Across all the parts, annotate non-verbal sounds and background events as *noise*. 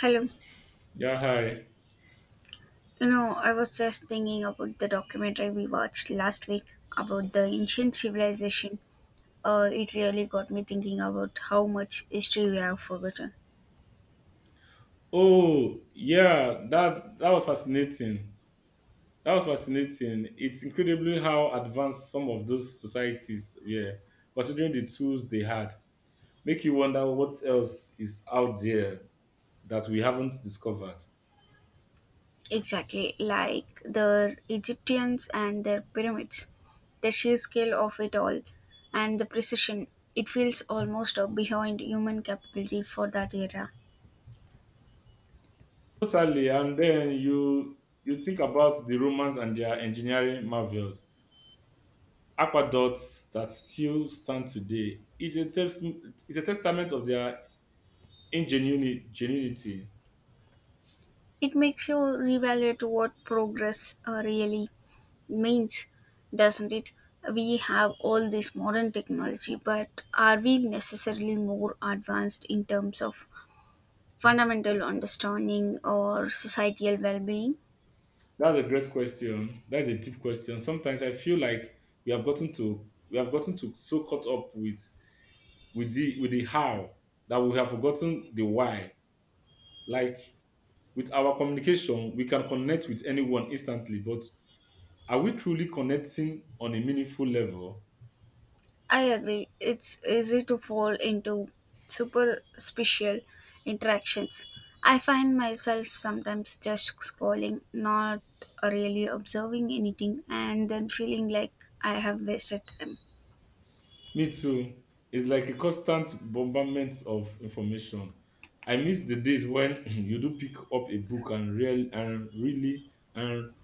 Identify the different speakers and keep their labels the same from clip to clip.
Speaker 1: Hello.
Speaker 2: Yeah, hi.
Speaker 1: You know, I was just thinking about the documentary we watched last week about the ancient civilization. It really got me thinking about how much history we have forgotten.
Speaker 2: Oh, yeah, that was fascinating. That was fascinating. It's incredibly how advanced some of those societies were, considering the tools they had. Make you wonder what else is out there that we haven't discovered.
Speaker 1: Exactly, like the Egyptians and their pyramids, the sheer scale of it all, and the precision. It feels almost behind human capability for that era.
Speaker 2: Totally, and then you think about the Romans and their engineering marvels, aqueducts that still stand today. Is a testament of their ingenuity.
Speaker 1: It makes you reevaluate what progress really means, doesn't it? We have all this modern technology, but are we necessarily more advanced in terms of fundamental understanding or societal well being?
Speaker 2: That's a great question. That's a deep question. Sometimes I feel like we have gotten to so caught up with the how that we have forgotten the why. Like with our communication, we can connect with anyone instantly, but are we truly connecting on a meaningful level?
Speaker 1: I agree, it's easy to fall into superficial interactions. I find myself sometimes just scrolling, not really observing anything, and then feeling like I have wasted time.
Speaker 2: Me too. It's like a constant bombardment of information. I miss the days when *clears throat* you do pick up a book and really and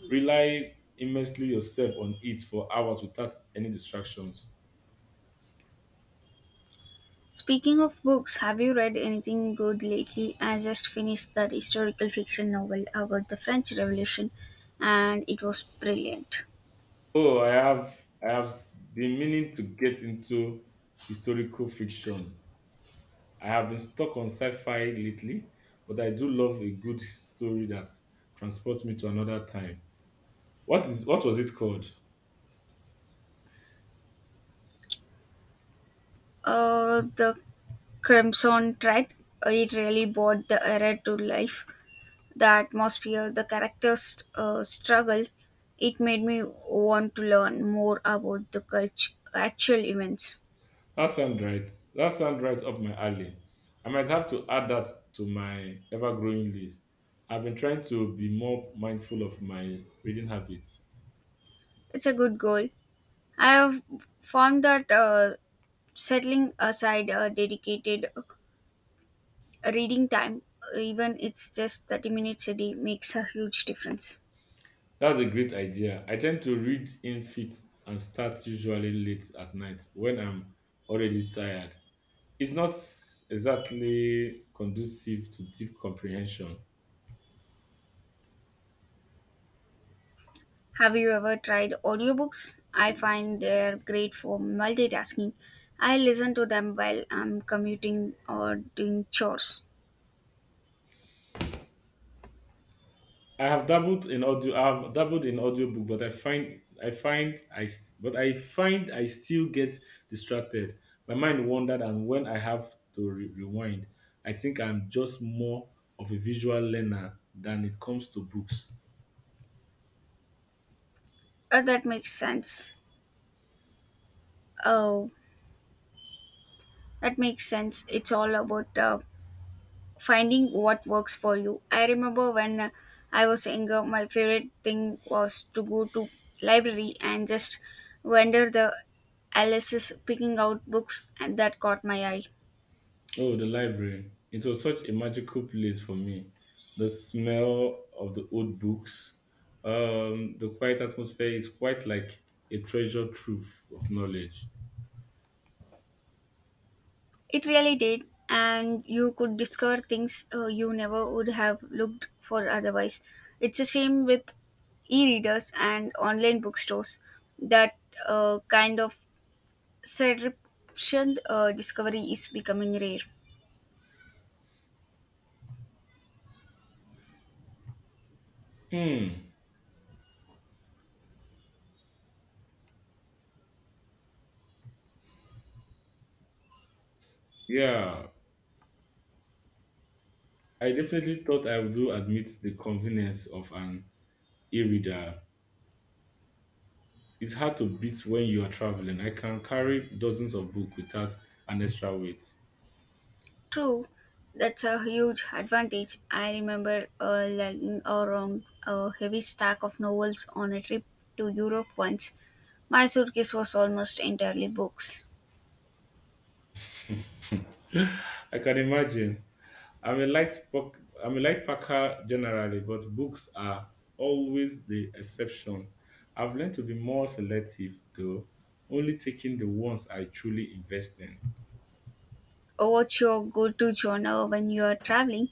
Speaker 2: rely immensely yourself on it for hours without any distractions.
Speaker 1: Speaking of books, have you read anything good lately? I just finished that historical fiction novel about the French Revolution and it was brilliant.
Speaker 2: Oh, I have been meaning to get into historical fiction. I have been stuck on sci-fi lately, but I do love a good story that transports me to another time. What was it called?
Speaker 1: The Crimson Thread, it really brought the era to life. The atmosphere, the characters' struggle, it made me want to learn more about the actual events.
Speaker 2: That sounds right. That sounds right up my alley. I might have to add that to my ever-growing list. I've been trying to be more mindful of my reading habits.
Speaker 1: It's a good goal. I have found that settling aside a dedicated reading time, even it's just 30 minutes a day, makes a huge difference.
Speaker 2: That's a great idea. I tend to read in fit and start usually late at night when I'm already tired. It's not s- exactly conducive to deep comprehension.
Speaker 1: Have you ever tried audiobooks? I find they're great for multitasking. I listen to them while I'm commuting or doing chores.
Speaker 2: I have dabbled in audio. I have dabbled in audiobook, but I find I still get distracted. My mind wandered, and when I have to rewind, I think I'm just more of a visual learner than it comes to books.
Speaker 1: That makes sense. Oh, that makes sense. It's all about finding what works for you. I remember when I was younger, my favorite thing was to go to library and just wander the Alice's picking out books and that caught my eye.
Speaker 2: Oh, the library. It was such a magical place for me. The smell of the old books, the quiet atmosphere is quite like a treasure trove of knowledge.
Speaker 1: It really did, and you could discover things you never would have looked for otherwise. It's a shame with e-readers and online bookstores that kind of surreptitious discovery is becoming rare.
Speaker 2: Hmm. Yeah, I definitely thought I would do admit the convenience of an e-reader. It's hard to beat when you are traveling. I can carry dozens of books without an extra weight.
Speaker 1: True, that's a huge advantage. I remember lugging around a heavy stack of novels on a trip to Europe once. My suitcase was almost entirely books.
Speaker 2: I can imagine. I'm a light book. I'm a light packer generally, but books are always the exception. I've learned to be more selective, though, only taking the ones I truly invest in.
Speaker 1: What's your go to genre when you are traveling?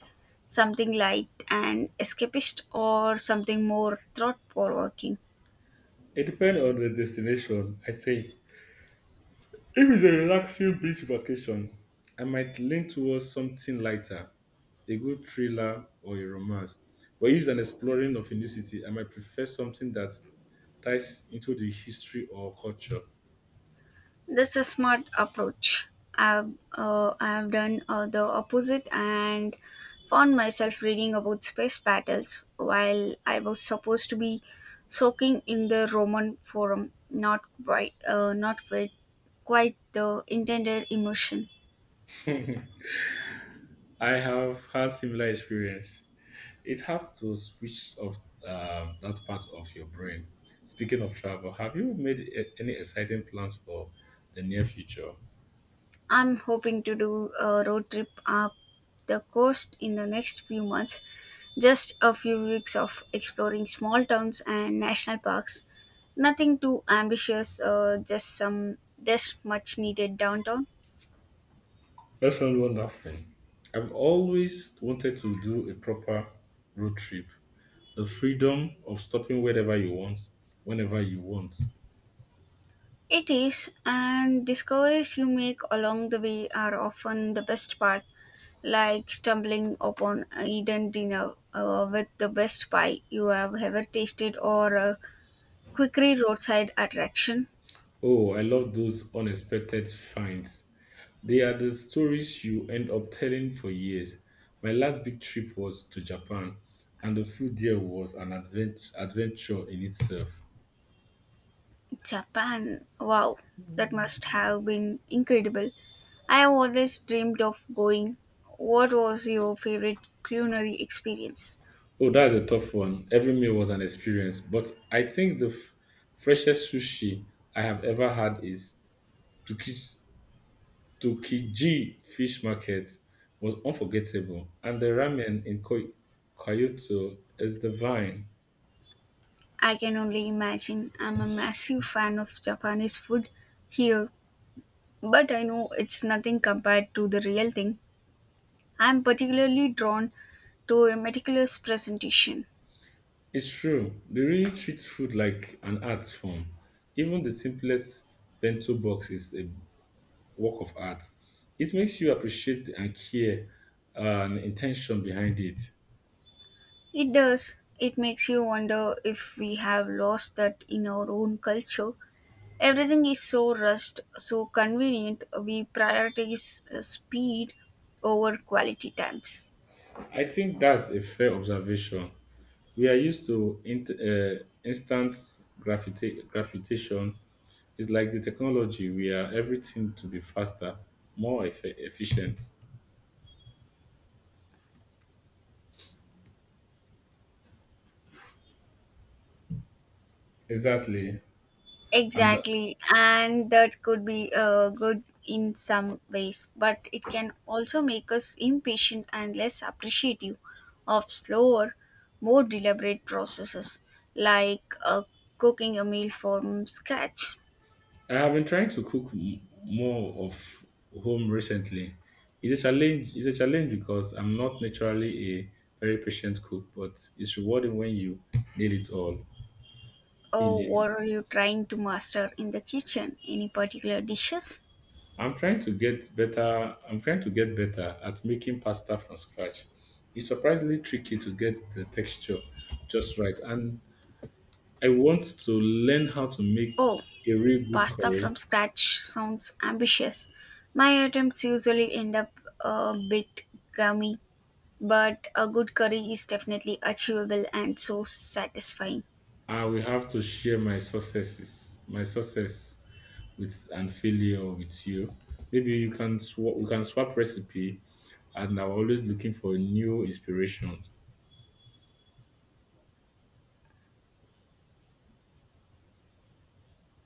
Speaker 1: Something light and escapist, or something more thought provoking?
Speaker 2: It depends on the destination, I think. If it's a relaxing beach vacation, I might lean towards something lighter, a good thriller or a romance. But if it's an exploring of a new city, I might prefer something that ties into the history or culture.
Speaker 1: That's a smart approach. I've done the opposite and found myself reading about space battles while I was supposed to be soaking in the Roman Forum. Not quite, not quite, Quite the intended emotion.
Speaker 2: *laughs* I have had similar experience. It has to switch off that part of your brain. Speaking of travel, have you made any exciting plans for the near future?
Speaker 1: I'm hoping to do a road trip up the coast in the next few months, just a few weeks of exploring small towns and national parks. Nothing too ambitious, just some just much needed downtown.
Speaker 2: That sounds wonderful. I've always wanted to do a proper road trip. The freedom of stopping wherever you want, whenever you want.
Speaker 1: It is, and discoveries you make along the way are often the best part, like stumbling upon a hidden dinner with the best pie you have ever tasted or a quickie roadside attraction.
Speaker 2: Oh, I love those unexpected finds. They are the stories you end up telling for years. My last big trip was to Japan, and the food there was an adventure in itself.
Speaker 1: Japan. Wow, that must have been incredible. I have always dreamed of going. What was your favorite culinary experience?
Speaker 2: Oh, that's a tough one. Every meal was an experience, but I think freshest sushi I have ever had is Tuki- Tsukiji Fish Market was unforgettable, and the ramen in Kyoto is divine.
Speaker 1: I can only imagine. I'm a massive fan of Japanese food here, but I know it's nothing compared to the real thing. I'm particularly drawn to a meticulous presentation.
Speaker 2: It's true. They really treat food like an art form. Even the simplest bento box is a work of art. It makes you appreciate and care and intention behind it.
Speaker 1: It does. It makes you wonder if we have lost that in our own culture. Everything is so rushed, so convenient, we prioritize speed over quality times.
Speaker 2: I think that's a fair observation. We are used to int instant gravitation. It's like the technology. We are everything to be faster, more efficient. Exactly. And
Speaker 1: Exactly, and that could be good in some ways, but it can also make us impatient and less appreciative of slower, more deliberate processes like cooking a meal from scratch.
Speaker 2: I have been trying to cook more of home recently. It's a challenge. It's a challenge because I'm not naturally a very patient cook, but it's rewarding when you need it all. You
Speaker 1: Oh,
Speaker 2: need
Speaker 1: what
Speaker 2: it.
Speaker 1: are you trying to master in the kitchen? Any particular dishes?
Speaker 2: I'm trying to get better at making pasta from scratch. It's surprisingly tricky to get the texture just right, and I want to learn how to make
Speaker 1: Oh,
Speaker 2: a real good
Speaker 1: pasta
Speaker 2: curry.
Speaker 1: from scratch sounds ambitious. My attempts usually end up a bit gummy, but a good curry is definitely achievable and so satisfying.
Speaker 2: I will have to share my success with and failure with you. Maybe you can swap. We can swap recipe, and I'm always looking for new inspirations.